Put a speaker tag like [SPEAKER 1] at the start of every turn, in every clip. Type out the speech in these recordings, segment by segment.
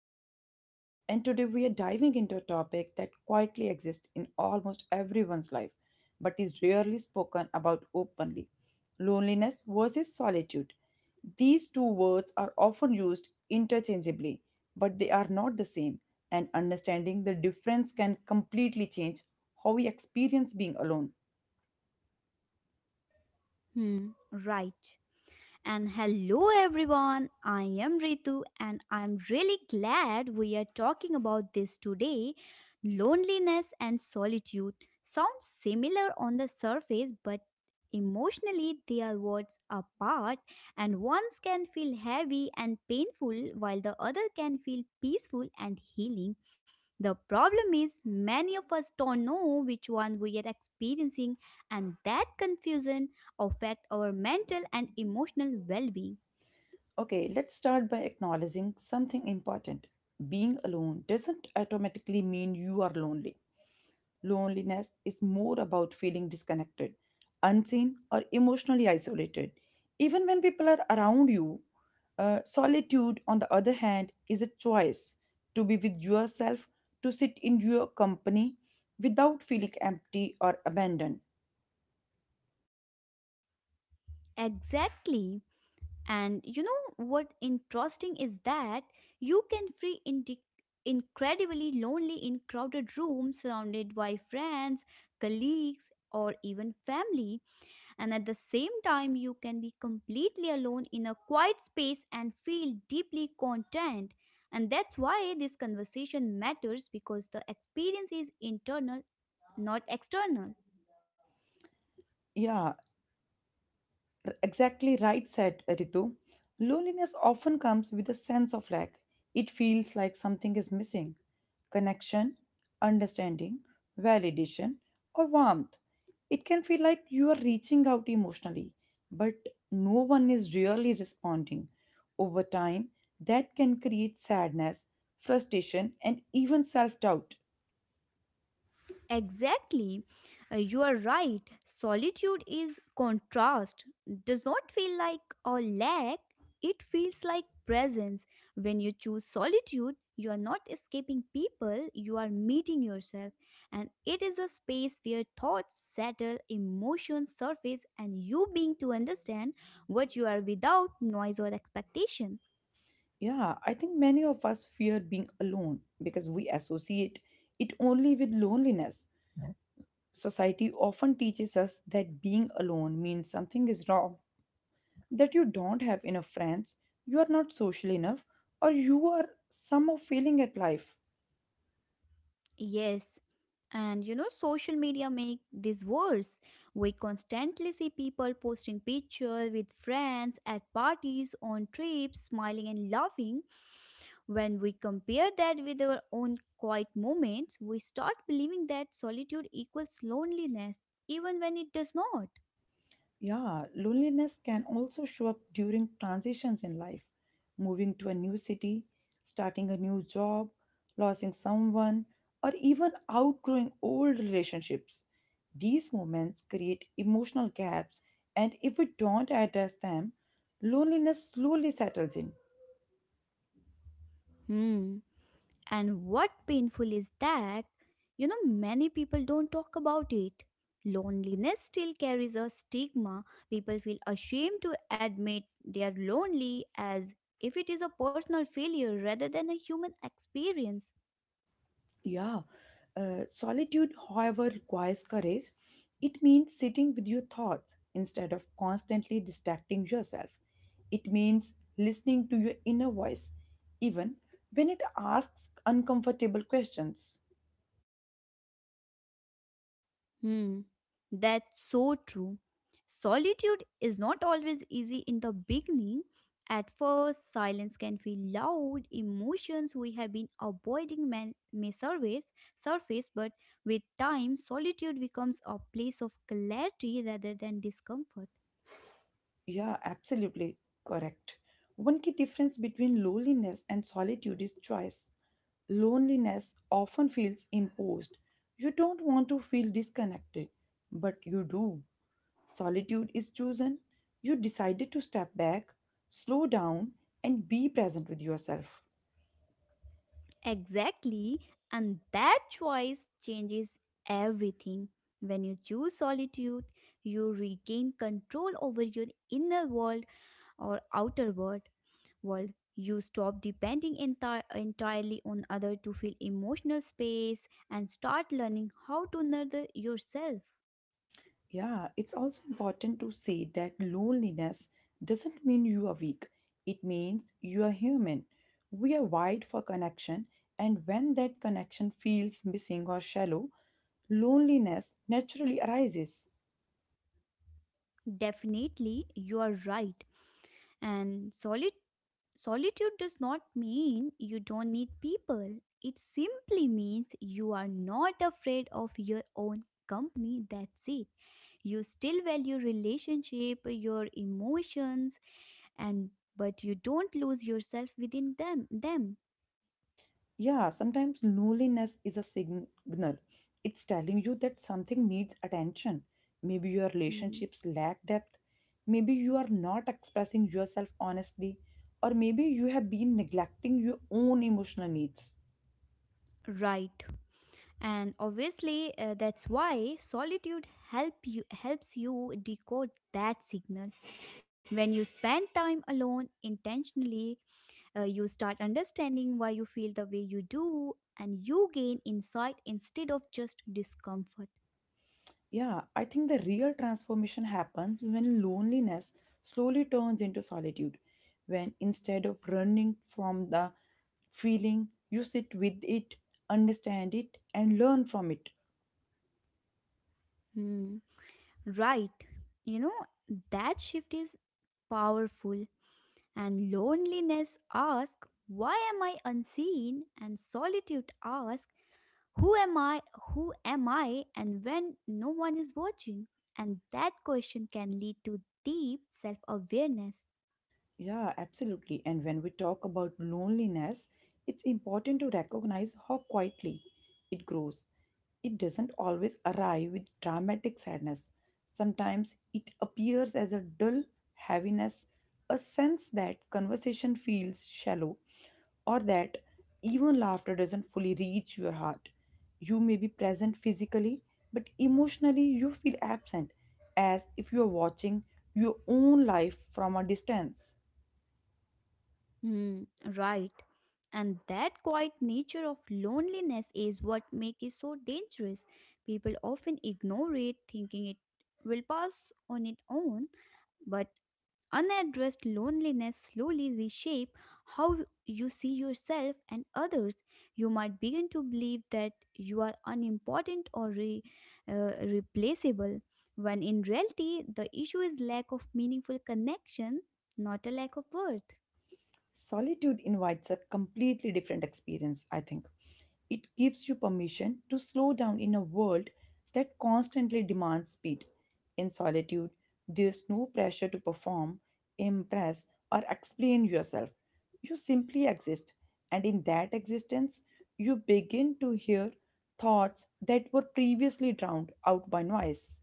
[SPEAKER 1] Veerpal, and today we are diving into a topic that quietly exists in almost everyone's life but is rarely spoken about openly: loneliness versus solitude. These two words are often used interchangeably, but they are not the same, and understanding the difference can completely change how we experience being alone.
[SPEAKER 2] Hmm, right. And hello everyone, I am Ritu and I'm really glad we are talking about this today. Loneliness and solitude sound similar on the surface, but emotionally they are worlds apart, and one can feel heavy and painful while the other can feel peaceful and healing. The problem is many of us don't know which one we are experiencing, and that confusion affect our mental and emotional well being.
[SPEAKER 1] Okay, let's start by acknowledging something important. Being alone doesn't automatically mean you are lonely. Loneliness is more about feeling disconnected, unseen, or emotionally isolated. Even when people are around you, solitude, on the other hand, is a choice to be with yourself, to sit in your company without feeling empty or abandoned.
[SPEAKER 2] Exactly. And you know what interesting is that you can feel incredibly lonely in crowded rooms surrounded by friends, colleagues, or even family, and at the same time, you can be completely alone in a quiet space and feel deeply content. And that's why this conversation matters because the experience is internal, not external.
[SPEAKER 1] Yeah, exactly right, said Ritu. Loneliness often comes with a sense of lack. It feels like something is missing: connection, understanding, validation, or warmth. It can feel like you are reaching out emotionally, but no one is really responding. Over time, that can create sadness, frustration, and even self doubt.
[SPEAKER 2] Exactly. You are right. Solitude is contrast, does not feel like a lack, it feels like presence. When you choose solitude, you are not escaping people, you are meeting yourself. And it is a space where thoughts settle, emotions surface, and you being to understand what you are without noise or expectation.
[SPEAKER 1] Yeah, I think many of us fear being alone because we associate it only with loneliness. Society often teaches us that being alone means something is wrong, that you don't have enough friends, you are not social enough, or you are somehow failing at life.
[SPEAKER 2] Yes. And you know, social media make this worse. We constantly see people posting pictures with friends at parties, on trips, smiling and laughing. When we compare that with our own quiet moments, we start believing that solitude equals loneliness, even when it does not.
[SPEAKER 1] Yeah, loneliness can also show up during transitions in life, moving to a new city, starting a new job, losing someone, or even outgrowing old relationships. These moments create emotional gaps, and if we don't address them, loneliness slowly settles in.
[SPEAKER 2] Hmm. And what painful is that, many people don't talk about it. Loneliness still carries a stigma. People feel ashamed to admit they are lonely as if it is a personal failure rather than a human experience.
[SPEAKER 1] Yeah. Solitude, however, requires courage. It means sitting with your thoughts instead of constantly distracting yourself. It means listening to your inner voice, even when it asks uncomfortable questions.
[SPEAKER 2] Hmm, that's so true. Solitude is not always easy in the beginning. At first, silence can feel loud. Emotions we have been avoiding may surface, but with time, solitude becomes a place of clarity rather than discomfort.
[SPEAKER 1] Yeah, absolutely correct. One key difference between loneliness and solitude is choice. Loneliness often feels imposed. You don't want to feel disconnected, but you do. Solitude is chosen. You decided to step back, slow down, and be present with yourself.
[SPEAKER 2] Exactly, and that choice changes everything. When you choose solitude, you regain control over your inner world or outer world. You stop depending entirely on other to fill emotional space and start learning how to nurture yourself.
[SPEAKER 1] Yeah, it's also important to say that loneliness doesn't mean you are weak. It means you are human. We are wired for connection, and when that connection feels missing or shallow, loneliness naturally arises.
[SPEAKER 2] Definitely, you are right. And solid solitude does not mean you don't need people. It simply means you are not afraid of your own company. That's it. You still value relationship, your emotions, and but you don't lose yourself within them.
[SPEAKER 1] Yeah, sometimes loneliness is a signal. It's telling you that something needs attention. Maybe your
[SPEAKER 2] Hmm.
[SPEAKER 1] relationships lack depth. Maybe you are not expressing yourself honestly. Or maybe you have been neglecting your own emotional needs.
[SPEAKER 2] Right. And obviously that's why solitude helps you decode that signal. When you spend time alone intentionally, you start understanding why you feel the way you do and you gain insight instead of just discomfort.
[SPEAKER 1] Yeah, I think the real transformation happens when loneliness slowly turns into solitude. When instead of running from the feeling, you sit with it, understand it, and learn from it.
[SPEAKER 2] Hmm. Right. You know, that shift is powerful, and loneliness asks, why am I unseen? And solitude asks, who am I? And when no one is watching? And that question can lead to deep self awareness.
[SPEAKER 1] Yeah, absolutely. And when we talk about loneliness, it's important to recognize how quietly it grows. It doesn't always arrive with dramatic sadness. Sometimes it appears as a dull heaviness, a sense that conversation feels shallow, or that even laughter doesn't fully reach your heart. You may be present physically, but emotionally you feel absent, as if you are watching your own life from a distance.
[SPEAKER 2] Hmm, right. And that quiet nature of loneliness is what makes it so dangerous. People often ignore it, thinking it will pass on its own, but unaddressed loneliness slowly reshape how you see yourself and others. You might begin to believe that you are unimportant or replaceable, when in reality the issue is lack of meaningful connection, not a lack of worth.
[SPEAKER 1] Solitude invites a completely different experience, I think. It gives you permission to slow down in a world that constantly demands speed. In solitude, there's no pressure to perform, impress, or explain yourself. You simply exist, and in that existence, you begin to hear thoughts that were previously drowned out by noise.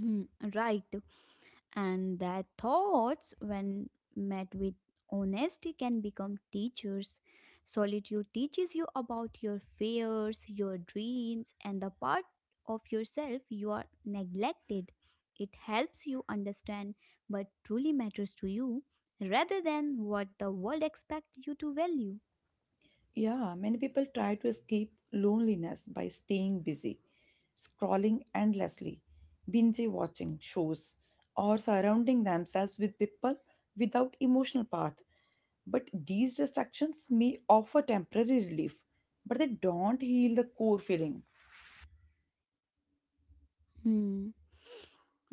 [SPEAKER 2] Hmm, right. And that thoughts when met with honesty can become teachers. Solitude teaches you about your fears, your dreams, and the part of yourself you are neglected. It helps you understand what truly matters to you rather than what the world expects you to value.
[SPEAKER 1] Yeah, many people try to escape loneliness by staying busy, scrolling endlessly, binge watching shows, or surrounding themselves with people without emotional path. But these distractions may offer temporary relief, but they don't heal the core feeling.
[SPEAKER 2] Hmm.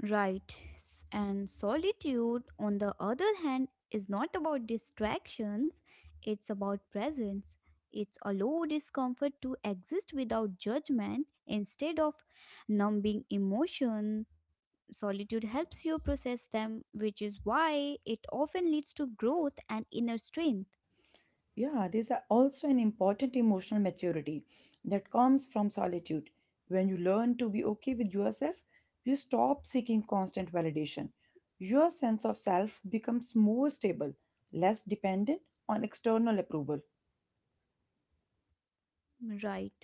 [SPEAKER 2] Right. And solitude, on the other hand, is not about distractions, it's about presence. It's a low discomfort to exist without judgment instead of numbing emotion. Solitude helps you process them, which is why it often leads to growth and inner strength.
[SPEAKER 1] Yeah, also an important emotional maturity that comes from solitude. When you learn to be okay with yourself, you stop seeking constant validation. Your sense of self becomes more stable, less dependent on external approval.
[SPEAKER 2] Right.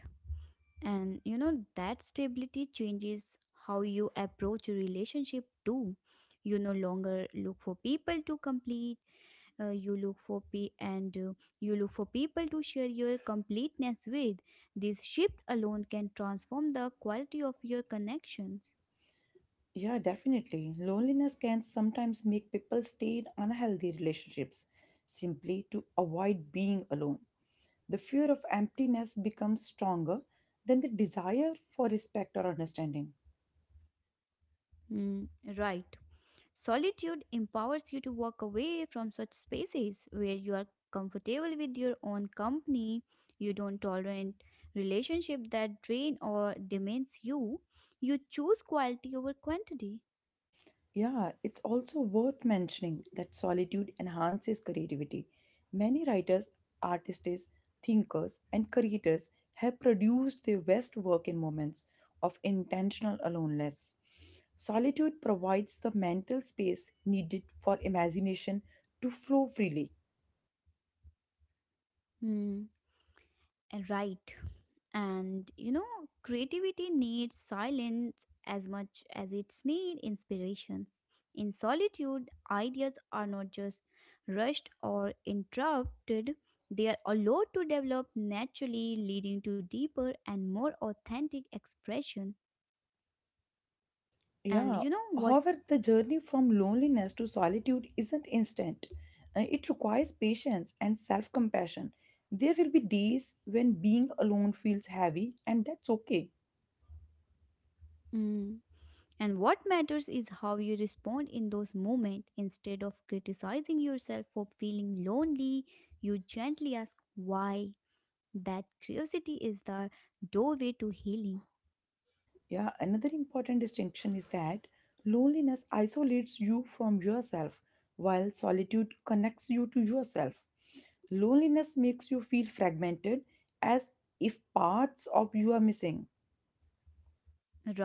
[SPEAKER 2] And you know, that stability changes how you approach a relationship too. You no longer look for people to complete, uh, you look for pe- and uh, you look for people to share your completeness with. This shift alone can transform the quality of your connections.
[SPEAKER 1] Yeah, definitely. Loneliness can sometimes make people stay in unhealthy relationships simply to avoid being alone. The fear of emptiness becomes stronger than the desire for respect or understanding.
[SPEAKER 2] Hmm, right. Solitude empowers you to walk away from such spaces. Where you are comfortable with your own company, you don't tolerate relationship that drain or demands you, you choose quality over quantity.
[SPEAKER 1] Yeah, it's also worth mentioning that solitude enhances creativity. Many writers, artists, thinkers, and creators have produced their best work in moments of intentional aloneness. Solitude provides the mental space needed for imagination to flow freely.
[SPEAKER 2] Hmm. Right. And you know, creativity needs silence as much as it's need inspirations. In solitude, ideas are not just rushed or interrupted, they are allowed to develop naturally, leading to deeper and more authentic expression. And
[SPEAKER 1] Yeah,
[SPEAKER 2] you know what?
[SPEAKER 1] however, the journey from loneliness to solitude isn't instant. It requires patience and self compassion. There will be days when being alone feels heavy, and that's okay.
[SPEAKER 2] Mm, and what matters is how you respond in those moments. Instead of criticizing yourself for feeling lonely, you gently ask why. That curiosity is the doorway to healing,
[SPEAKER 1] Yeah, another important distinction is that loneliness isolates you from yourself, while solitude connects you to yourself. Loneliness makes you feel fragmented, as if parts of you are missing.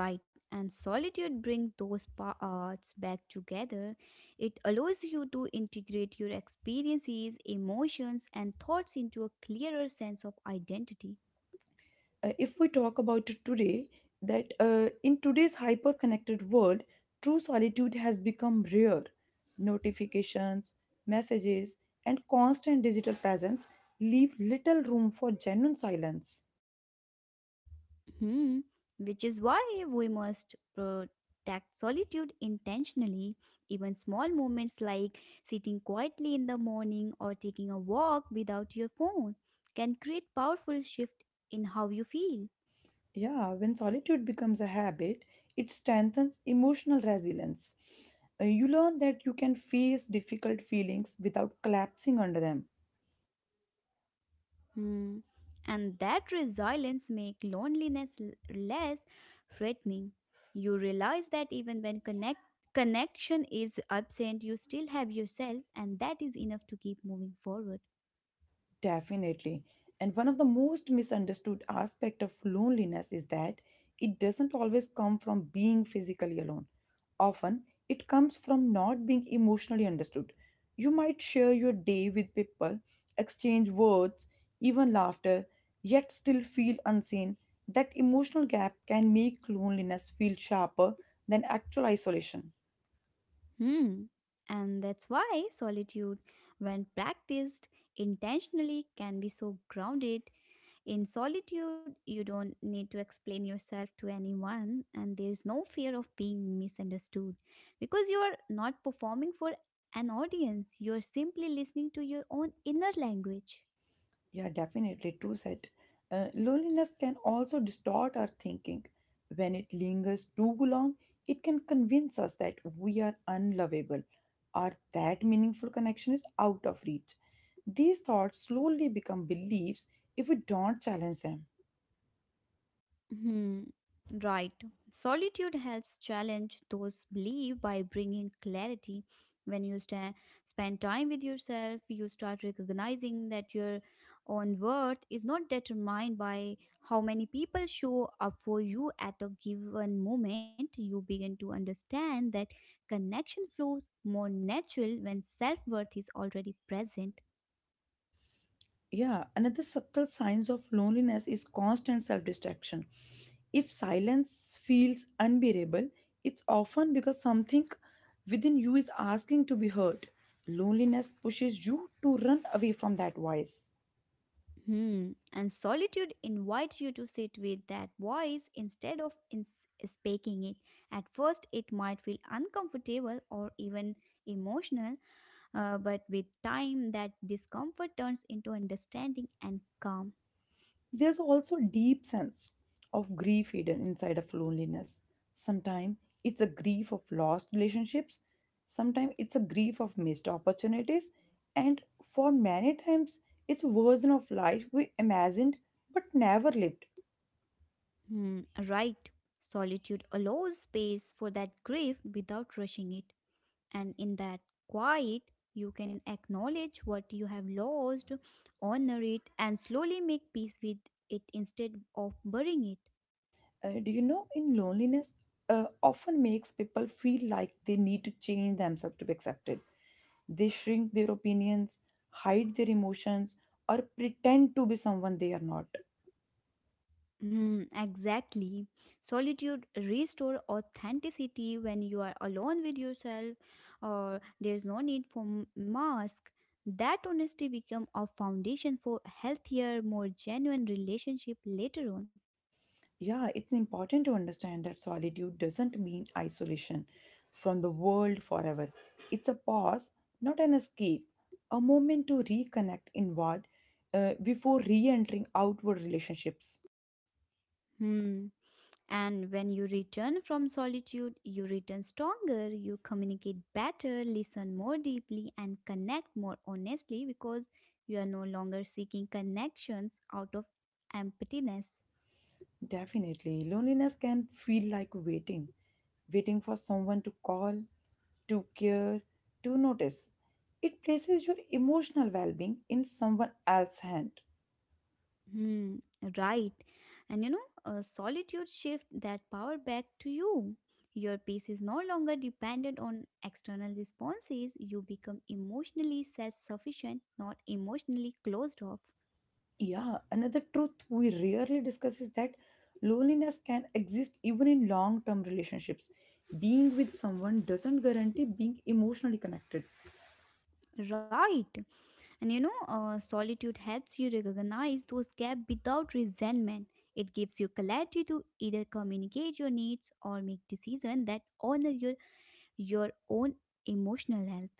[SPEAKER 2] right? And solitude brings those parts back together. It allows you to integrate your experiences, emotions, and thoughts into a clearer sense of identity.
[SPEAKER 1] If we talk about today, that in today's hyper connected world, true solitude has become rare. Notifications, messages, and constant digital presence leave little room for genuine silence.
[SPEAKER 2] Hmm. Which is why we must protect solitude intentionally. Even small moments like sitting quietly in the morning or taking a walk without your phone can create powerful shift in how you feel.
[SPEAKER 1] Yeah, when solitude becomes a habit, it strengthens emotional resilience. You learn that you can face difficult feelings without collapsing under them.
[SPEAKER 2] Hmm. And that resilience make loneliness less threatening. You realize that even when connection is absent, you still have yourself, and that is enough to keep moving forward.
[SPEAKER 1] Definitely. And one of the most misunderstood aspect of loneliness is that it doesn't always come from being physically alone. Often, it comes from not being emotionally understood. You might share your day with people, exchange words, even laughter, yet still feel unseen. That emotional gap can make loneliness feel sharper than actual isolation.
[SPEAKER 2] Hmm. And that's why solitude, when practiced intentionally, can be so grounded. In solitude, you don't need to explain yourself to anyone, and there's no fear of being misunderstood because you are not performing for an audience, you are simply listening to your own inner language.
[SPEAKER 1] Yeah, definitely. True said. Loneliness can also distort our thinking. When it lingers too long, it can convince us that we are unlovable or that meaningful connection is out of reach. These thoughts slowly become beliefs if we don't challenge them.
[SPEAKER 2] Hmm, right. Solitude helps challenge those beliefs by bringing clarity. When you sta spend time with yourself, you start recognizing that your own worth is not determined by how many people show up for you at a given moment. You begin to understand that connection flows more natural when self worth is already present.
[SPEAKER 1] Yeah, another subtle signs of loneliness is constant self-distraction. If silence feels unbearable, it's often because something within you is asking to be heard. Loneliness pushes you to run away from that voice.
[SPEAKER 2] Hmm. And solitude invites you to sit with that voice instead of speaking it. At first, it might feel uncomfortable or even emotional, but with time, that discomfort turns into understanding and calm.
[SPEAKER 1] There's also a deep sense of grief hidden inside of loneliness. Sometimes it's a grief of lost relationships, sometimes it's a grief of missed opportunities, and for many times it's a version of life we imagined but never lived.
[SPEAKER 2] Hmm. Right. Solitude allows space for that grief without rushing it. And in that quiet, you can acknowledge what you have lost, honor it, and slowly make peace with it instead of burying it.
[SPEAKER 1] Do you know in loneliness often makes people feel like they need to change themselves to be accepted. They shrink their opinions, hide their emotions, or pretend to be someone they are not.
[SPEAKER 2] Hmm, exactly. Solitude restore authenticity when you are alone with yourself, or there's no need for mask. That honesty become a foundation for healthier, more genuine relationship later on.
[SPEAKER 1] Yeah, it's important to understand that solitude doesn't mean isolation from the world forever. It's a pause, not an escape, a moment to reconnect inward before re entering outward relationships.
[SPEAKER 2] Hmm. And when you return from solitude, you return stronger, you communicate better, listen more deeply, and connect more honestly because you are no longer seeking connections out of emptiness.
[SPEAKER 1] Definitely, loneliness can feel like waiting, waiting for someone to call, to care, to notice. It places your emotional well being in someone else's hand.
[SPEAKER 2] Hmm, right. And you know, solitude shift that power back to you. Your peace is no longer dependent on external responses. You become emotionally self sufficient, not emotionally closed off.
[SPEAKER 1] Yeah, another truth we rarely discuss is that loneliness can exist even in long term relationships. Being with someone doesn't guarantee being emotionally connected.
[SPEAKER 2] Right. And you know, solitude helps you recognize those gaps without resentment. It gives you clarity to either communicate your needs or make decisions that honor your own emotional health.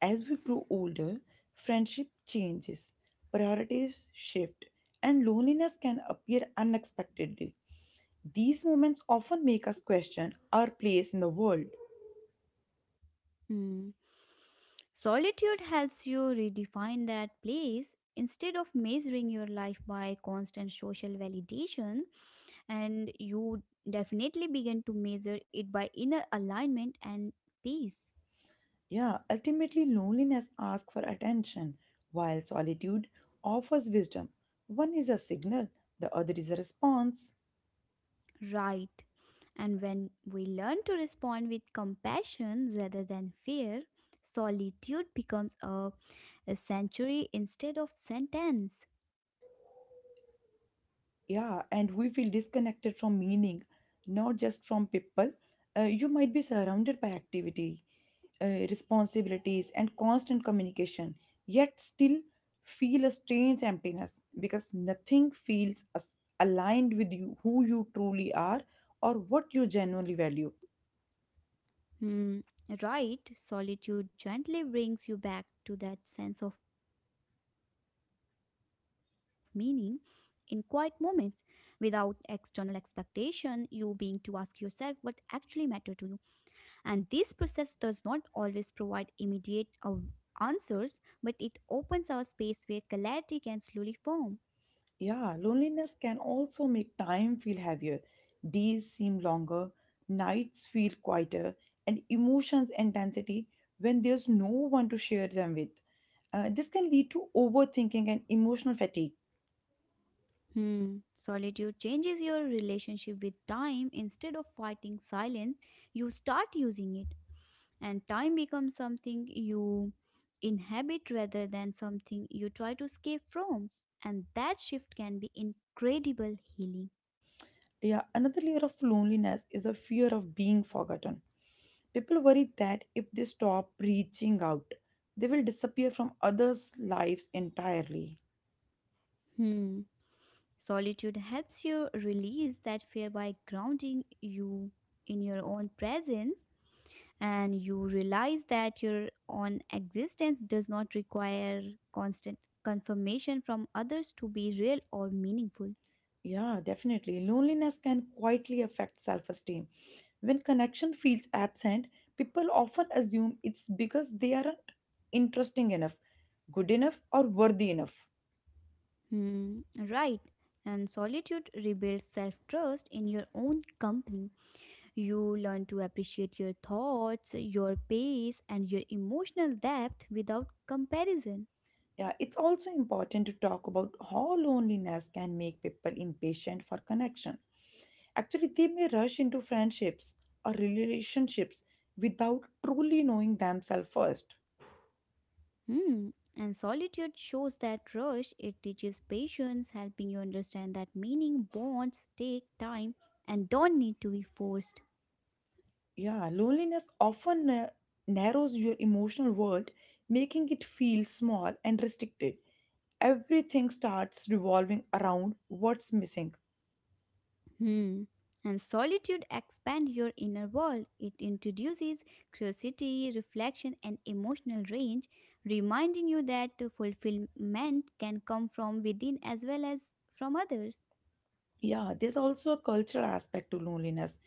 [SPEAKER 1] As we grow older, friendship changes, priorities shift, and loneliness can appear unexpectedly. These moments often make us question our place in the world.
[SPEAKER 2] Hmm. Solitude helps you redefine that place. Instead of measuring your life by constant social validation, and you definitely begin to measure it by inner alignment and peace.
[SPEAKER 1] Yeah, ultimately, loneliness asks for attention, while solitude offers wisdom. One is a signal, the other is a response.
[SPEAKER 2] Right. And when we learn to respond with compassion rather than fear, solitude becomes a sanctuary instead of sentence.
[SPEAKER 1] Yeah, and we feel disconnected from meaning, not just from people. You might be surrounded by activity, responsibilities, and constant communication, yet still feel a strange emptiness because nothing feels as aligned with you, who you truly are, or what you genuinely value.
[SPEAKER 2] Hmm. Right. Solitude gently brings you back to that sense of meaning in quiet moments without external expectation, you being to ask yourself what actually matter to you. And this process does not always provide immediate answers, but it opens our space where clarity can slowly form.
[SPEAKER 1] Yeah, loneliness can also make time feel heavier. Days seem longer, nights feel quieter, and emotions intensity when there's no one to share them with. This can lead to overthinking and emotional fatigue.
[SPEAKER 2] Hmm. Solitude changes your relationship with time. Instead of fighting silence, you start using it, and time becomes something you inhabit rather than something you try to escape from. And that shift can be incredible healing.
[SPEAKER 1] Yeah, another layer of loneliness is the fear of being forgotten. People worry that if they stop reaching out, they will disappear from others' lives entirely.
[SPEAKER 2] Hmm. Solitude helps you release that fear by grounding you in your own presence, and you realize that your own existence does not require constant confirmation from others to be real or meaningful.
[SPEAKER 1] Yeah, definitely. Loneliness can quietly affect self esteem. When connection feels absent, people often assume it's because they aren't interesting enough, good enough, or worthy enough.
[SPEAKER 2] Hmm, right. And solitude rebuilds self trust in your own company. You learn to appreciate your thoughts, your pace, and your emotional depth without comparison.
[SPEAKER 1] Yeah, it's also important to talk about how loneliness can make people impatient for connection. Actually, they may rush into friendships or relationships without truly knowing themselves first.
[SPEAKER 2] Hmm. And solitude shows that rush. It teaches patience, helping you understand that meaning, bonds take time and don't need to be forced.
[SPEAKER 1] Yeah, loneliness often narrows your emotional world, making it feel small and restricted. Everything starts revolving around what's missing.
[SPEAKER 2] Hmm. And solitude expands your inner world. It introduces curiosity, reflection, and emotional range, reminding you that fulfillment can come from within as well as from others.
[SPEAKER 1] Yeah, there's also a cultural aspect to loneliness.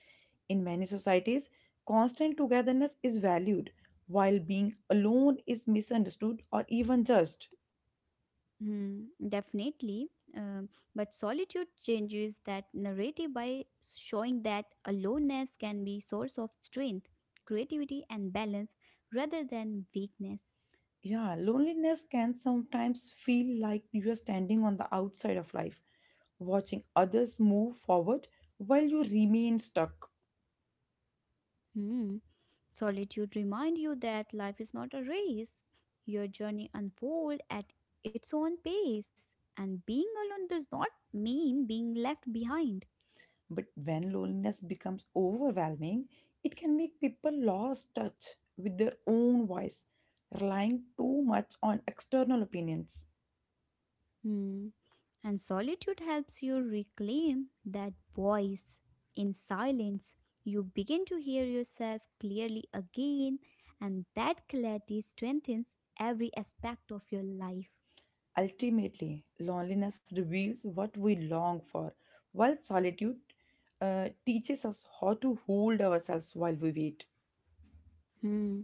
[SPEAKER 1] In many societies, constant togetherness is valued, while being alone is misunderstood or even judged.
[SPEAKER 2] Hmm, definitely. Um, but solitude changes that narrative by showing that aloneness can be source of strength, creativity, and balance rather than weakness.
[SPEAKER 1] Yeah, loneliness can sometimes feel like you are standing on the outside of life, watching others move forward while you remain stuck.
[SPEAKER 2] Hmm. Solitude remind you that life is not a race. Your journey unfold at its own pace, and being alone does not mean being left behind.
[SPEAKER 1] But when loneliness becomes overwhelming, it can make people lose touch with their own voice, relying too much on external opinions.
[SPEAKER 2] Hmm. And solitude helps you reclaim that voice. In silence, you begin to hear yourself clearly again, and that clarity strengthens every aspect of your life.
[SPEAKER 1] Ultimately, loneliness reveals what we long for, while solitude teaches us how to hold ourselves while we wait.
[SPEAKER 2] Hmm.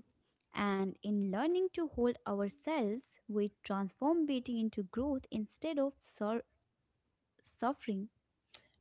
[SPEAKER 2] And in learning to hold ourselves, we transform waiting into growth instead of suffering.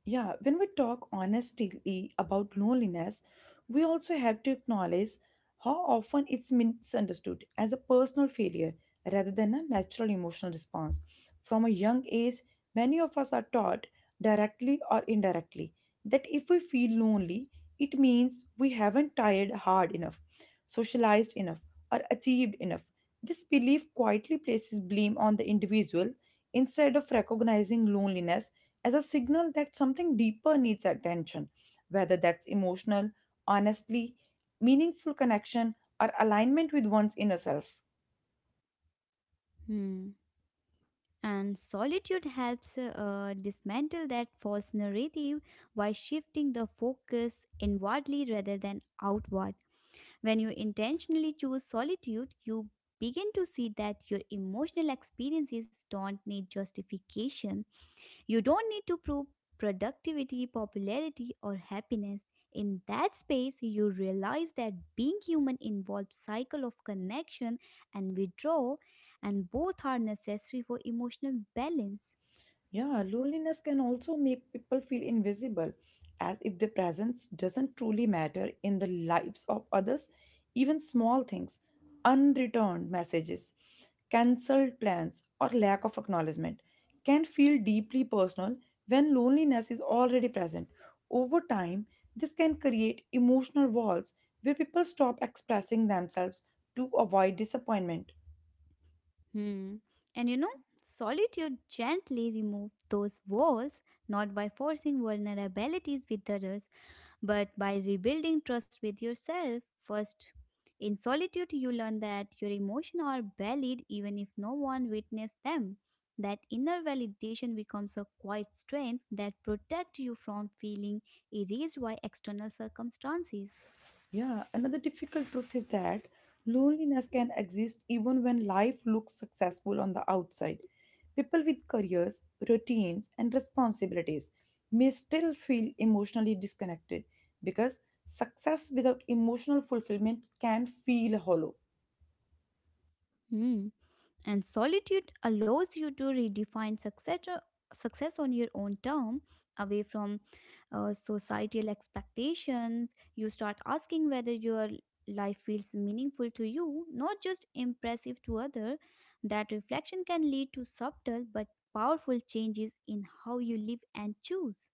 [SPEAKER 1] Yeah, when we talk honestly about loneliness, we also have to acknowledge how often it's misunderstood as a personal failure rather than a natural emotional response. From a young age, many of us are taught, directly or indirectly, that if we feel lonely, it means we haven't tried hard enough, socialized enough, or achieved enough. This belief quietly places blame on the individual instead of recognizing loneliness as a signal that something deeper needs attention, whether that's emotional, honestly, meaningful connection, or alignment with one's inner self.
[SPEAKER 2] Hmm. And solitude helps dismantle that false narrative by shifting the focus inwardly rather than outward. When you intentionally choose solitude, you begin to see that your emotional experiences don't need justification. You don't need to prove productivity, popularity, or happiness. In that space, you realize that being human involves cycle of connection and withdrawal, and both are necessary for emotional balance.
[SPEAKER 1] Yeah, loneliness can also make people feel invisible, as if their presence doesn't truly matter in the lives of others. Even small things, unreturned messages, cancelled plans, or lack of acknowledgement can feel deeply personal when loneliness is already present. Over time, this can create emotional walls where people stop expressing themselves to avoid disappointment.
[SPEAKER 2] Hmm. And solitude gently removes those walls, not by forcing vulnerabilities with others, but by rebuilding trust with yourself first. In solitude, you learn that your emotions are valid even if no one witnessed them. That inner validation becomes a quiet strength that protects you from feeling erased by external circumstances.
[SPEAKER 1] Yeah, another difficult truth is that loneliness can exist even when life looks successful on the outside. People with careers, routines, and responsibilities may still feel emotionally disconnected because success without emotional fulfillment can feel hollow.
[SPEAKER 2] Hmm. And solitude allows you to redefine success, success on your own term, away from societal expectations. You start asking whether your life feels meaningful to you, not just impressive to others. That reflection can lead to subtle but powerful changes in how you live and choose.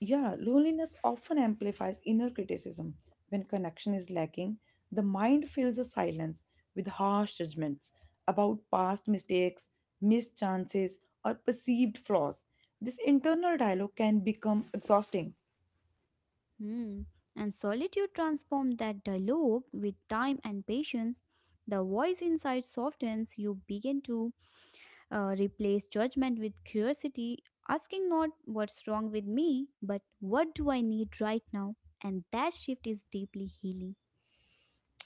[SPEAKER 1] Yeah, loneliness often amplifies inner criticism. When connection is lacking, the mind fills the silence with harsh judgments about past mistakes, missed chances, or perceived flaws. This internal dialogue can become exhausting.
[SPEAKER 2] Hmm. And solitude transforms that dialogue with time and patience. The voice inside softens, you begin to replace judgment with curiosity, asking not what's wrong with me, but what do I need right now? And that shift is deeply healing.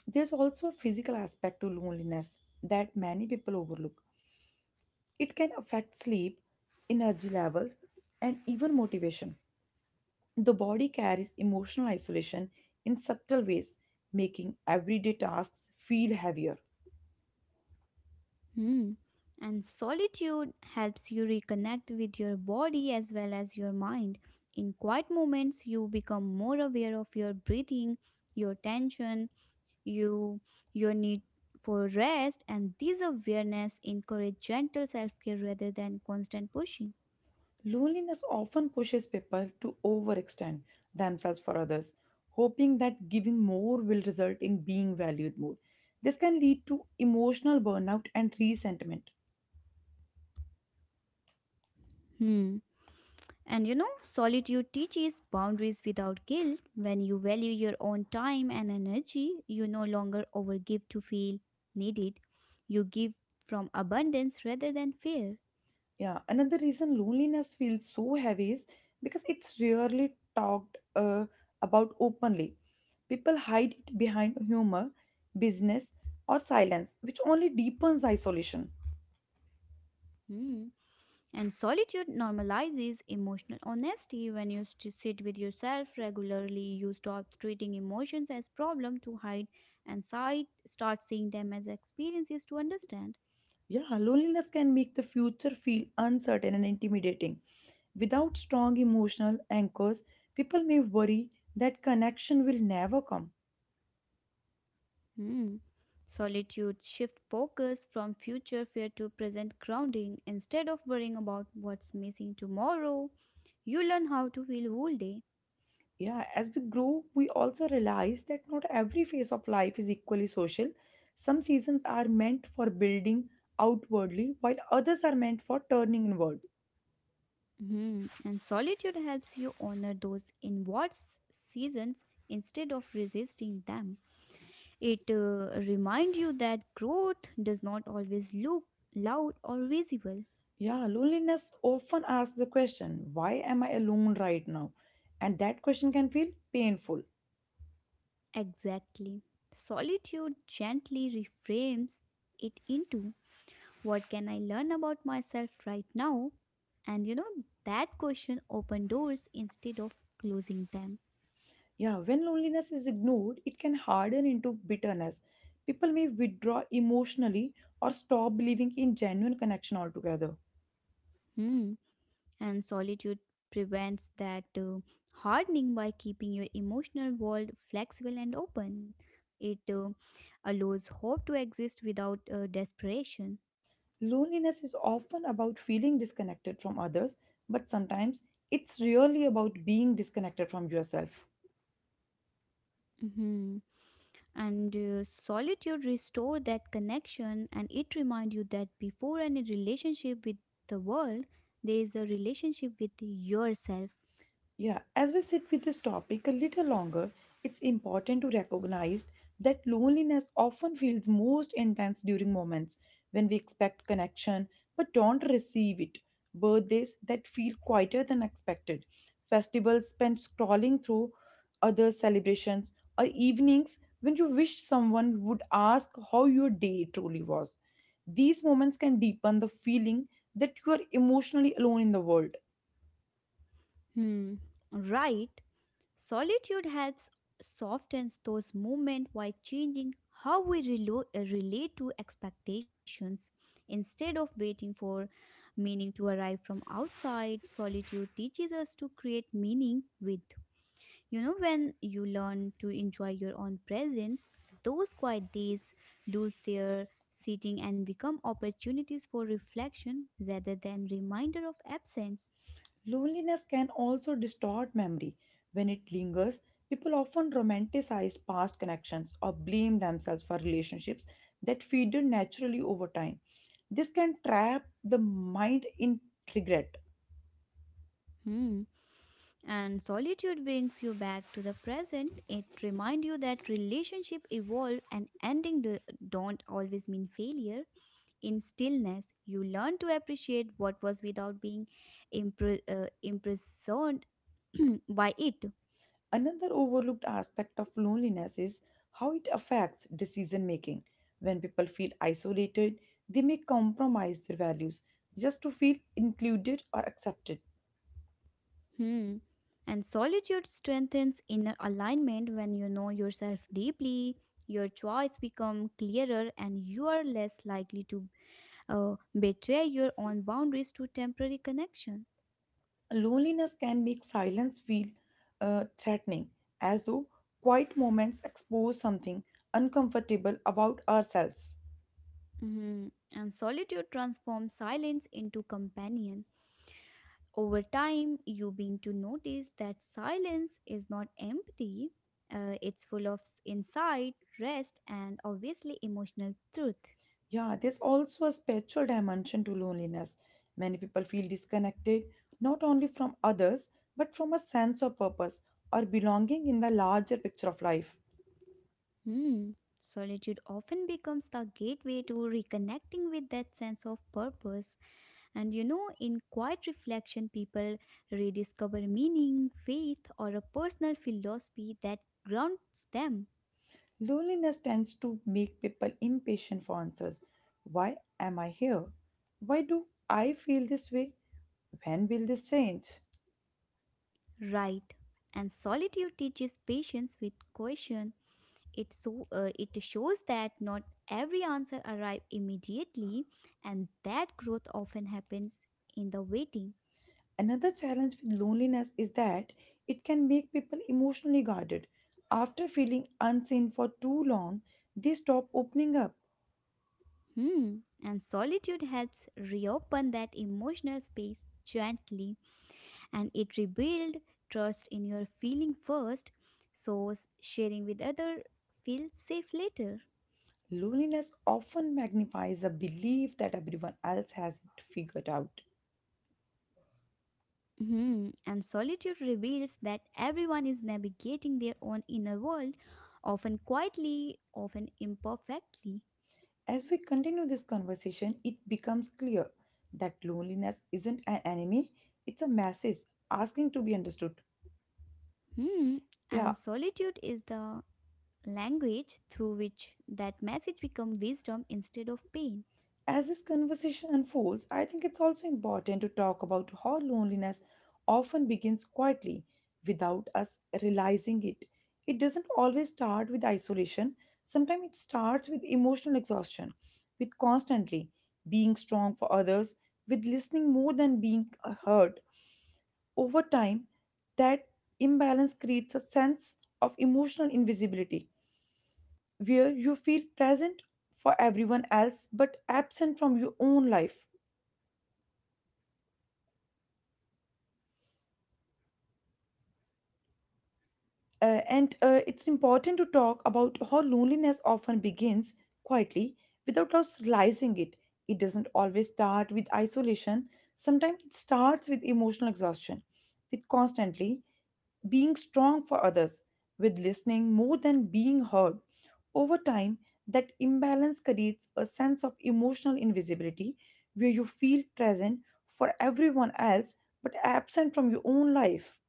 [SPEAKER 1] There's also a physical aspect to loneliness that many people overlook. It can affect sleep, energy levels, and even motivation. The body carries emotional isolation in subtle ways, making everyday tasks feel heavier.
[SPEAKER 2] Hmm. And solitude helps you reconnect with your body as well as your mind. In quiet moments, you become more aware of your breathing, your tension, you your need for rest, and this awareness encourage gentle self-care rather than constant pushing.
[SPEAKER 1] Loneliness often pushes people to overextend themselves for others, hoping that giving more will result in being valued more. This can lead to emotional burnout and resentment.
[SPEAKER 2] Hmm. And solitude teaches boundaries without guilt. When you value your own time and energy, you no longer overgive to feel needed. You give from abundance rather than fear.
[SPEAKER 1] Yeah, another reason loneliness feels so heavy is because it's rarely talked about openly. People hide it behind humor, business, or silence, which only deepens isolation.
[SPEAKER 2] Hmm. And solitude normalizes emotional honesty. When you sit with yourself regularly, you stop treating emotions as problem to hide and side, start seeing them as experiences to understand.
[SPEAKER 1] Yeah, loneliness can make the future feel uncertain and intimidating. Without strong emotional anchors, people may worry that connection will never come.
[SPEAKER 2] Hmm. Solitude shift focus from future fear to present grounding. Instead of worrying about what's missing tomorrow, you learn how to feel whole day.
[SPEAKER 1] Yeah, as we grow, we also realize that not every phase of life is equally social. Some seasons are meant for building outwardly, while others are meant for turning inward.
[SPEAKER 2] Hmm. And solitude helps you honor those inward seasons instead of resisting them. It reminds you that growth does not always look loud or visible.
[SPEAKER 1] Yeah, loneliness often asks the question, why am I alone right now? And that question can feel painful.
[SPEAKER 2] Exactly. Solitude gently reframes it into, what can I learn about myself right now? And that question opened doors instead of closing them.
[SPEAKER 1] Yeah, when loneliness is ignored, it can harden into bitterness. People may withdraw emotionally or stop believing in genuine connection altogether.
[SPEAKER 2] Hmm. And solitude prevents that hardening by keeping your emotional world flexible and open. It allows hope to exist without desperation.
[SPEAKER 1] Loneliness is often about feeling disconnected from others, but sometimes it's really about being disconnected from yourself.
[SPEAKER 2] Mhm. And solitude restore that connection, and it remind you that before any relationship with the world, there is a relationship with yourself.
[SPEAKER 1] Yeah, as we sit with this topic a little longer, it's important to recognize that loneliness often feels most intense during moments when we expect connection but don't receive it. Birthdays that feel quieter than expected, festivals spent scrolling through other celebrations, or evenings when you wish someone would ask how your day truly was. These moments can deepen the feeling that you are emotionally alone in the world.
[SPEAKER 2] Hmm, right. Solitude helps softens those movements by changing how we relate to expectations. Instead of waiting for meaning to arrive from outside, solitude teaches us to create meaning with. When you learn to enjoy your own presence, those quiet days lose their seating and become opportunities for reflection rather than reminder of absence.
[SPEAKER 1] Loneliness can also distort memory. When it lingers, people often romanticize past connections or blame themselves for relationships that faded naturally over time. This can trap the mind in regret.
[SPEAKER 2] Hmm. And solitude brings you back to the present. It reminds you that relationship evolve and ending don't always mean failure. In stillness, you learn to appreciate what was without being imprisoned by it.
[SPEAKER 1] Another overlooked aspect of loneliness is how it affects decision making. When people feel isolated, they may compromise their values just to feel included or accepted.
[SPEAKER 2] Hmm. And solitude strengthens inner alignment when you know yourself deeply. Your choice become clearer, and you are less likely to betray your own boundaries to temporary connection.
[SPEAKER 1] Loneliness can make silence feel threatening, as though quiet moments expose something uncomfortable about ourselves.
[SPEAKER 2] Mhm. And solitude transforms silence into companion. Over time, you begin to notice that silence is not empty, it's full of insight, rest, and obviously emotional truth.
[SPEAKER 1] Yeah, there's also a spiritual dimension to loneliness. Many people feel disconnected not only from others but from a sense of purpose or belonging in the larger picture of life.
[SPEAKER 2] Hmm. Solitude often becomes the gateway to reconnecting with that sense of purpose. And in quiet reflection, people rediscover meaning, faith, or a personal philosophy that grounds them.
[SPEAKER 1] Loneliness tends to make people impatient for answers. Why am I here? Why do I feel this way? When will this change?
[SPEAKER 2] Right. And solitude teaches patience with question. It shows that not every answer arrives immediately, and that growth often happens in the waiting.
[SPEAKER 1] Another challenge with loneliness is that it can make people emotionally guarded. After feeling unseen for too long, they stop opening up.
[SPEAKER 2] Hmm. And solitude helps reopen that emotional space gently, and it rebuild trust in your feeling first, so sharing with other feels safe later.
[SPEAKER 1] Loneliness often magnifies the belief that everyone else has it figured out.
[SPEAKER 2] Hmm, and solitude reveals that everyone is navigating their own inner world, often quietly, often imperfectly.
[SPEAKER 1] As we continue this conversation, it becomes clear that loneliness isn't an enemy, it's a message asking to be understood.
[SPEAKER 2] Hmm.
[SPEAKER 1] Yeah,
[SPEAKER 2] And solitude is the language through which that message becomes wisdom instead of pain.
[SPEAKER 1] as this conversation unfolds, I think it's also important to talk about how loneliness often begins quietly without us realizing it. It doesn't always start with isolation, sometimes it starts with emotional exhaustion, with constantly being strong for others, with listening more than being heard. Over time, that imbalance creates a sense of emotional invisibility where you feel present for everyone else but absent from your own life. And it's important to talk about how loneliness often begins quietly without us realizing it. It doesn't always start with isolation, sometimes it starts with emotional exhaustion, with constantly being strong for others, with listening more than being heard. Over time, that imbalance creates a sense of emotional invisibility where you feel present for everyone else but absent from your own life.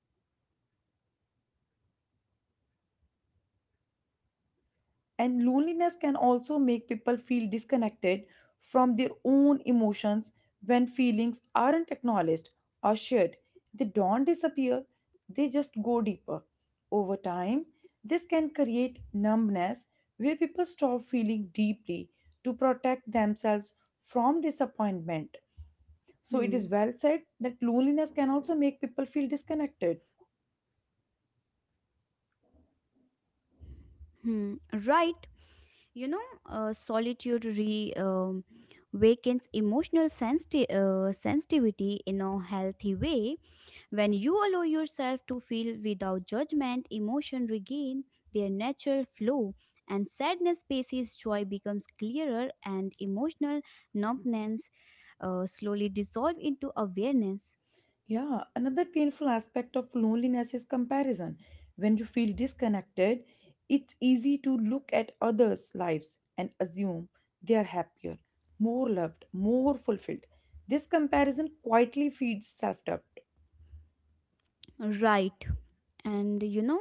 [SPEAKER 1] And loneliness can also make people feel disconnected from their own emotions when feelings aren't acknowledged or shared. They don't disappear, they just go deeper. Over time, this can create numbness where people stop feeling deeply to protect themselves from disappointment. So, it is
[SPEAKER 2] Hmm.
[SPEAKER 1] well said that loneliness can also make people feel disconnected.
[SPEAKER 2] Hmm. Right. Solitude re wakens emotional sensitivity in a healthy way. When you allow yourself to feel without judgment, emotion regain their natural flow, and sadness spaces joy becomes clearer, and emotional numbness slowly dissolve into awareness.
[SPEAKER 1] Yeah, another painful aspect of loneliness is comparison. When you feel disconnected, it's easy to look at others' lives and assume they are happier, more loved, more fulfilled. This comparison quietly feeds self doubt.
[SPEAKER 2] Right. And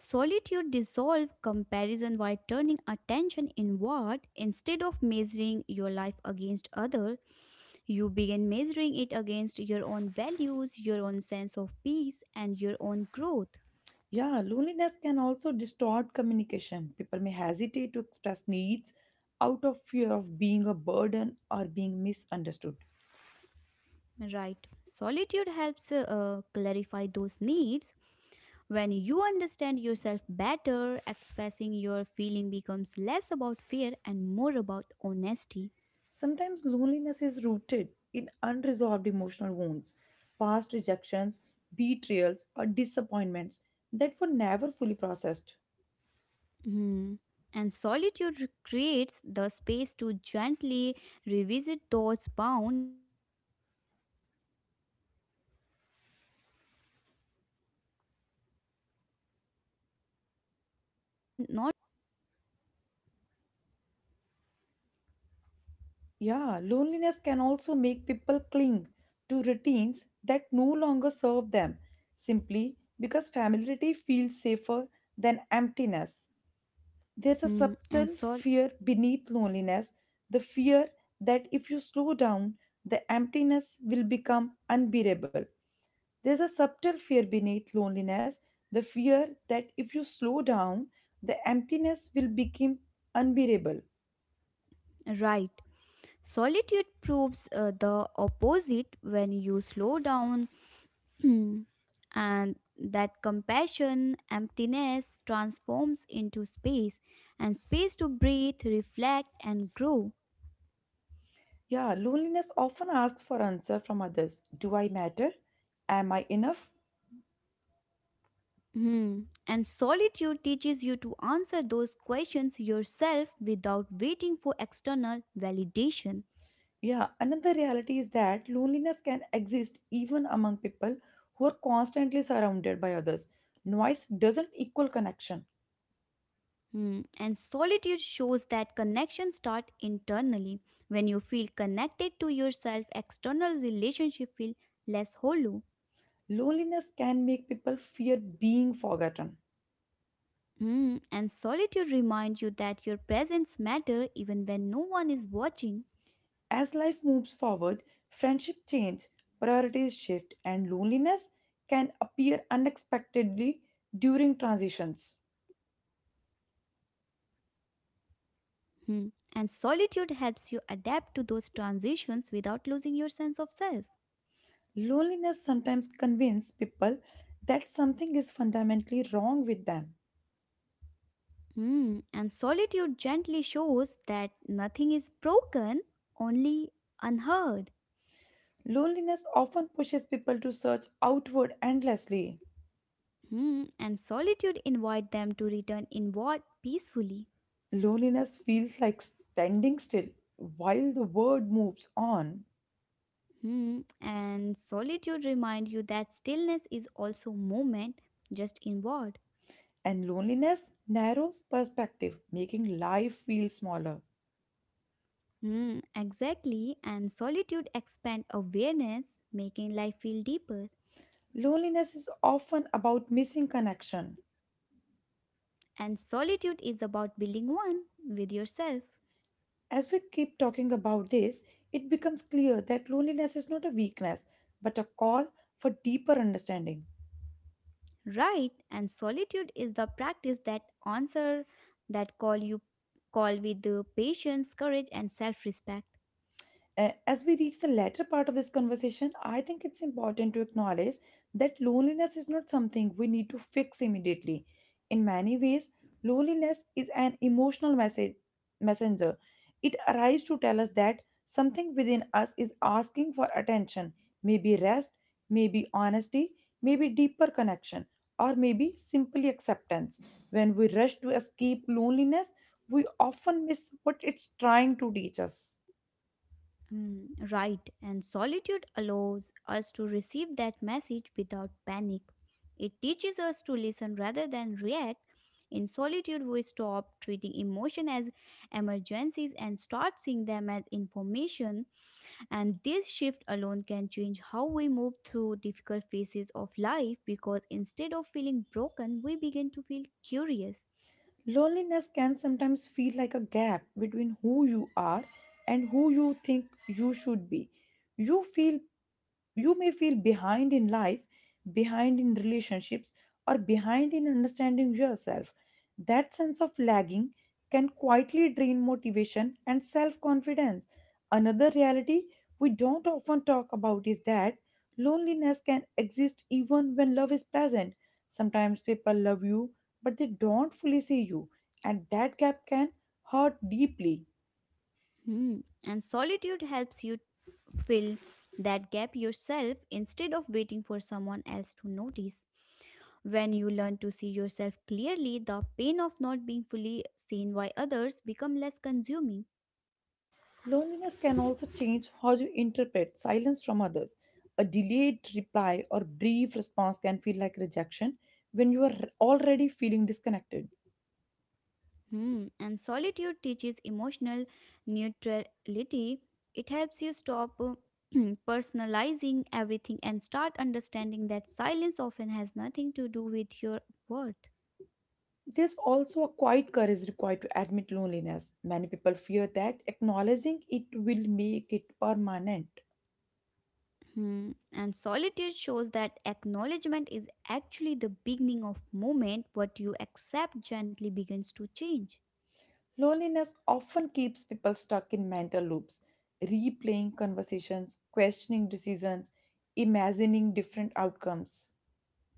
[SPEAKER 2] solitude dissolve comparison by turning attention inward. Instead of measuring your life against other, you begin measuring it against your own values, your own sense of peace, and your own growth.
[SPEAKER 1] Yeah, loneliness can also distort communication. People may hesitate to express needs out of fear of being a burden or being misunderstood.
[SPEAKER 2] Right. Solitude helps clarify those needs. When you understand yourself better, expressing your feeling becomes less about fear and more about honesty.
[SPEAKER 1] Sometimes loneliness is rooted in unresolved emotional wounds, past rejections, betrayals, or disappointments that were never fully processed.
[SPEAKER 2] Hmm. And solitude creates the space to gently revisit thoughts bound not to rely pain but to release quiet understanding.
[SPEAKER 1] Yeah, loneliness can also make people cling to routines that no longer serve them simply because familiarity feels safer than emptiness. There's a
[SPEAKER 2] Hmm. And
[SPEAKER 1] subtle
[SPEAKER 2] sol
[SPEAKER 1] fear beneath loneliness, the fear that if you slow down, the emptiness will become unbearable. There's a subtle fear beneath loneliness, the fear that if you slow down, the emptiness will become unbearable.
[SPEAKER 2] right. Solitude proves the opposite. When you slow down, hmm, and that compassion emptiness transforms into space, and space to breathe, reflect, and grow.
[SPEAKER 1] Yeah, loneliness often asks for answer from others. Do I matter? Am I enough?
[SPEAKER 2] Hmm. And solitude teaches you to answer those questions yourself without waiting for external validation.
[SPEAKER 1] Yeah, another reality is that loneliness can exist even among people who are constantly surrounded by others. Noise doesn't equal connection.
[SPEAKER 2] Hmm. And solitude shows that connection start internally. When you feel connected to yourself, external relationships feel less hollow.
[SPEAKER 1] Loneliness can make people fear being forgotten.
[SPEAKER 2] Hmm, and solitude reminds you that your presence matter even when no one is watching.
[SPEAKER 1] As life moves forward, friendship change, priorities shift, and loneliness can appear unexpectedly during transitions.
[SPEAKER 2] Hmm. And solitude helps you adapt to those transitions without losing your sense of self.
[SPEAKER 1] Loneliness sometimes convinces people that something is fundamentally wrong with them.
[SPEAKER 2] Hmm. And solitude gently shows that nothing is broken, only unheard.
[SPEAKER 1] Loneliness often pushes people to search outward endlessly.
[SPEAKER 2] Hmm. And solitude invite them to return inward peacefully.
[SPEAKER 1] Loneliness feels like standing still while the world moves on,
[SPEAKER 2] Hmm. And solitude remind you that stillness is also movement, just inward.
[SPEAKER 1] and loneliness narrows perspective, making life feel smaller.
[SPEAKER 2] Hmm, exactly, and solitude expands awareness, making life feel deeper.
[SPEAKER 1] Loneliness is often about missing connection.
[SPEAKER 2] And solitude is about building one with yourself,
[SPEAKER 1] As we keep talking about this, it becomes clear that loneliness is not a weakness, but a call for deeper understanding.
[SPEAKER 2] right? And solitude is the practice that answer that call, you call with the patience, courage, and self-respect.
[SPEAKER 1] As we reach the latter part of this conversation, I think it's important to acknowledge that loneliness is not something we need to fix immediately. In many ways, loneliness is an emotional message messenger. It arrives to tell us that something within us is asking for attention, maybe rest, maybe honesty, maybe deeper connection, or maybe simply acceptance. When we rush to escape loneliness, we often miss what it's trying to teach us.
[SPEAKER 2] Hmm, right, and solitude allows us to receive that message without panic. It teaches us to listen rather than react. In solitude, we stop treating emotion as emergencies and start seeing them as information. And this shift alone can change how we move through difficult phases of life, because instead of feeling broken, we begin to feel curious.
[SPEAKER 1] Loneliness can sometimes feel like a gap between who you are and who you think you should be. You feel You may feel behind in life, behind in relationships, or behind in understanding yourself. That sense of lagging can quietly drain motivation and self confidence. Another reality we don't often talk about is that loneliness can exist even when love is present. Sometimes people love you, but they don't fully see you, and that gap can hurt deeply.
[SPEAKER 2] Hmm. And solitude helps you fill that gap yourself instead of waiting for someone else to notice. When you learn to see yourself clearly, the pain of not being fully seen by others become less consuming.
[SPEAKER 1] Loneliness can also change how you interpret silence from others. A delayed reply or brief response can feel like rejection when you are already feeling disconnected.
[SPEAKER 2] Hmm. And solitude teaches emotional neutrality. It helps you stop personalizing everything and start understanding that silence often has nothing to do with your worth.
[SPEAKER 1] There's also a quiet courage required to admit loneliness. Many people fear that acknowledging it will make it permanent.
[SPEAKER 2] Hmm. And solitude shows that acknowledgement is actually the beginning of movement. What you accept gently begins to change.
[SPEAKER 1] Loneliness often keeps people stuck in mental loops, replaying conversations, questioning decisions, imagining different outcomes.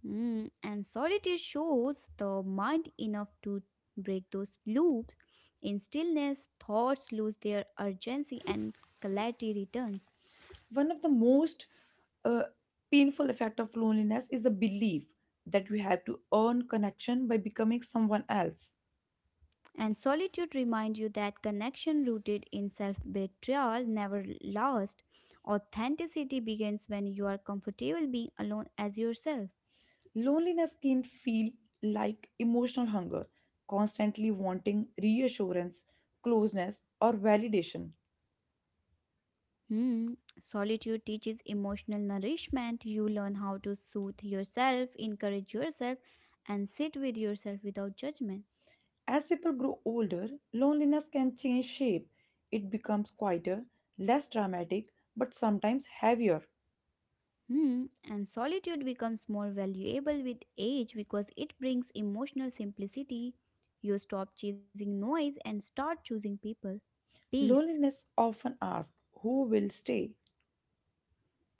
[SPEAKER 2] Hmm. And solitude shows the mind enough to break those loops. In stillness, thoughts lose their urgency and clarity returns.
[SPEAKER 1] One of the most uh, painful effect of loneliness is the belief that we have to earn connection by becoming someone else.
[SPEAKER 2] And solitude reminds you that connection rooted in self betrayal never lasts. Authenticity begins when you are comfortable being alone as yourself.
[SPEAKER 1] Loneliness can feel like emotional hunger, constantly wanting reassurance, closeness, or validation.
[SPEAKER 2] Hmm. Solitude teaches emotional nourishment. You learn how to soothe yourself, encourage yourself, and sit with yourself without judgment.
[SPEAKER 1] As people grow older, loneliness can change shape. It becomes quieter, less dramatic, but sometimes heavier.
[SPEAKER 2] Hmm. And solitude becomes more valuable with age because it brings emotional simplicity. You stop chasing noise and start choosing people, peace,
[SPEAKER 1] Loneliness often asks, who will stay?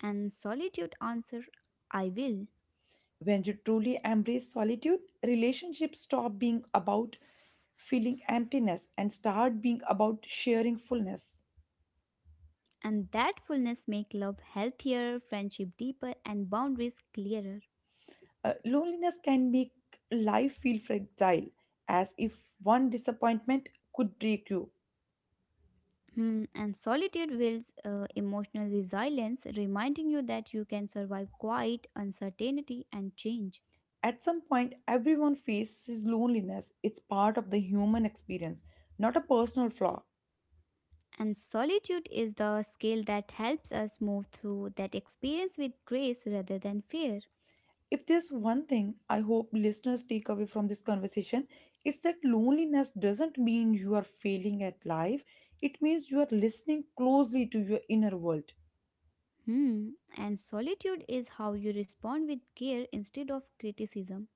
[SPEAKER 2] and solitude. Answer, I will.
[SPEAKER 1] When you truly embrace solitude, relationships stop being about feeling emptiness and start being about sharing fullness.
[SPEAKER 2] And that fullness make love healthier, friendship deeper, and boundaries clearer.
[SPEAKER 1] Loneliness can make life feel fragile, as if one disappointment could break you.
[SPEAKER 2] Hmm, and solitude builds emotional resilience, reminding you that you can survive quiet, uncertainty, and change.
[SPEAKER 1] At some point, everyone faces loneliness. It's part of the human experience, not a personal flaw.
[SPEAKER 2] And solitude is the skill that helps us move through that experience with grace rather than fear.
[SPEAKER 1] If there's one thing I hope listeners take away from this conversation, it's that loneliness doesn't mean you are failing at life, it means you are listening closely to your inner world.
[SPEAKER 2] Hmm. And solitude is how you respond with care instead of criticism.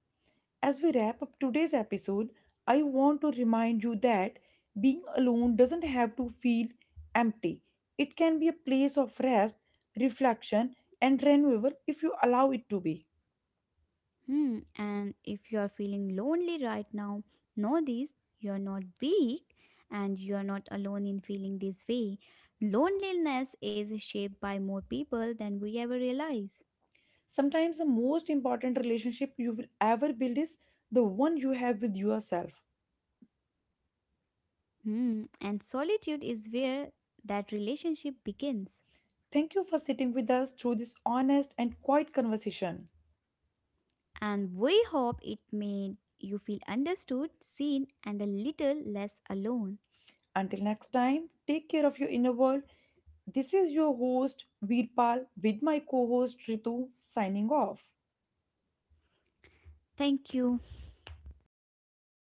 [SPEAKER 1] As we wrap up today's episode, I want to remind you that being alone doesn't have to feel empty. It can be a place of rest, reflection, and renewal if you allow it to be.
[SPEAKER 2] Hmm, and if you're feeling lonely right now, know this, you're not weak and you're not alone in feeling this way. Loneliness is shaped by more people than we ever realize.
[SPEAKER 1] Sometimes the most important relationship you will ever build is the one you have with yourself.
[SPEAKER 2] Hmm, and solitude is where that relationship begins.
[SPEAKER 1] Thank you for sitting with us through this honest and quiet conversation.
[SPEAKER 2] And we hope it made you feel understood, seen, and a little less alone.
[SPEAKER 1] Until next time, take care of your inner world. This is your host Veerpal with my co-host Ritu signing off.
[SPEAKER 2] Thank you.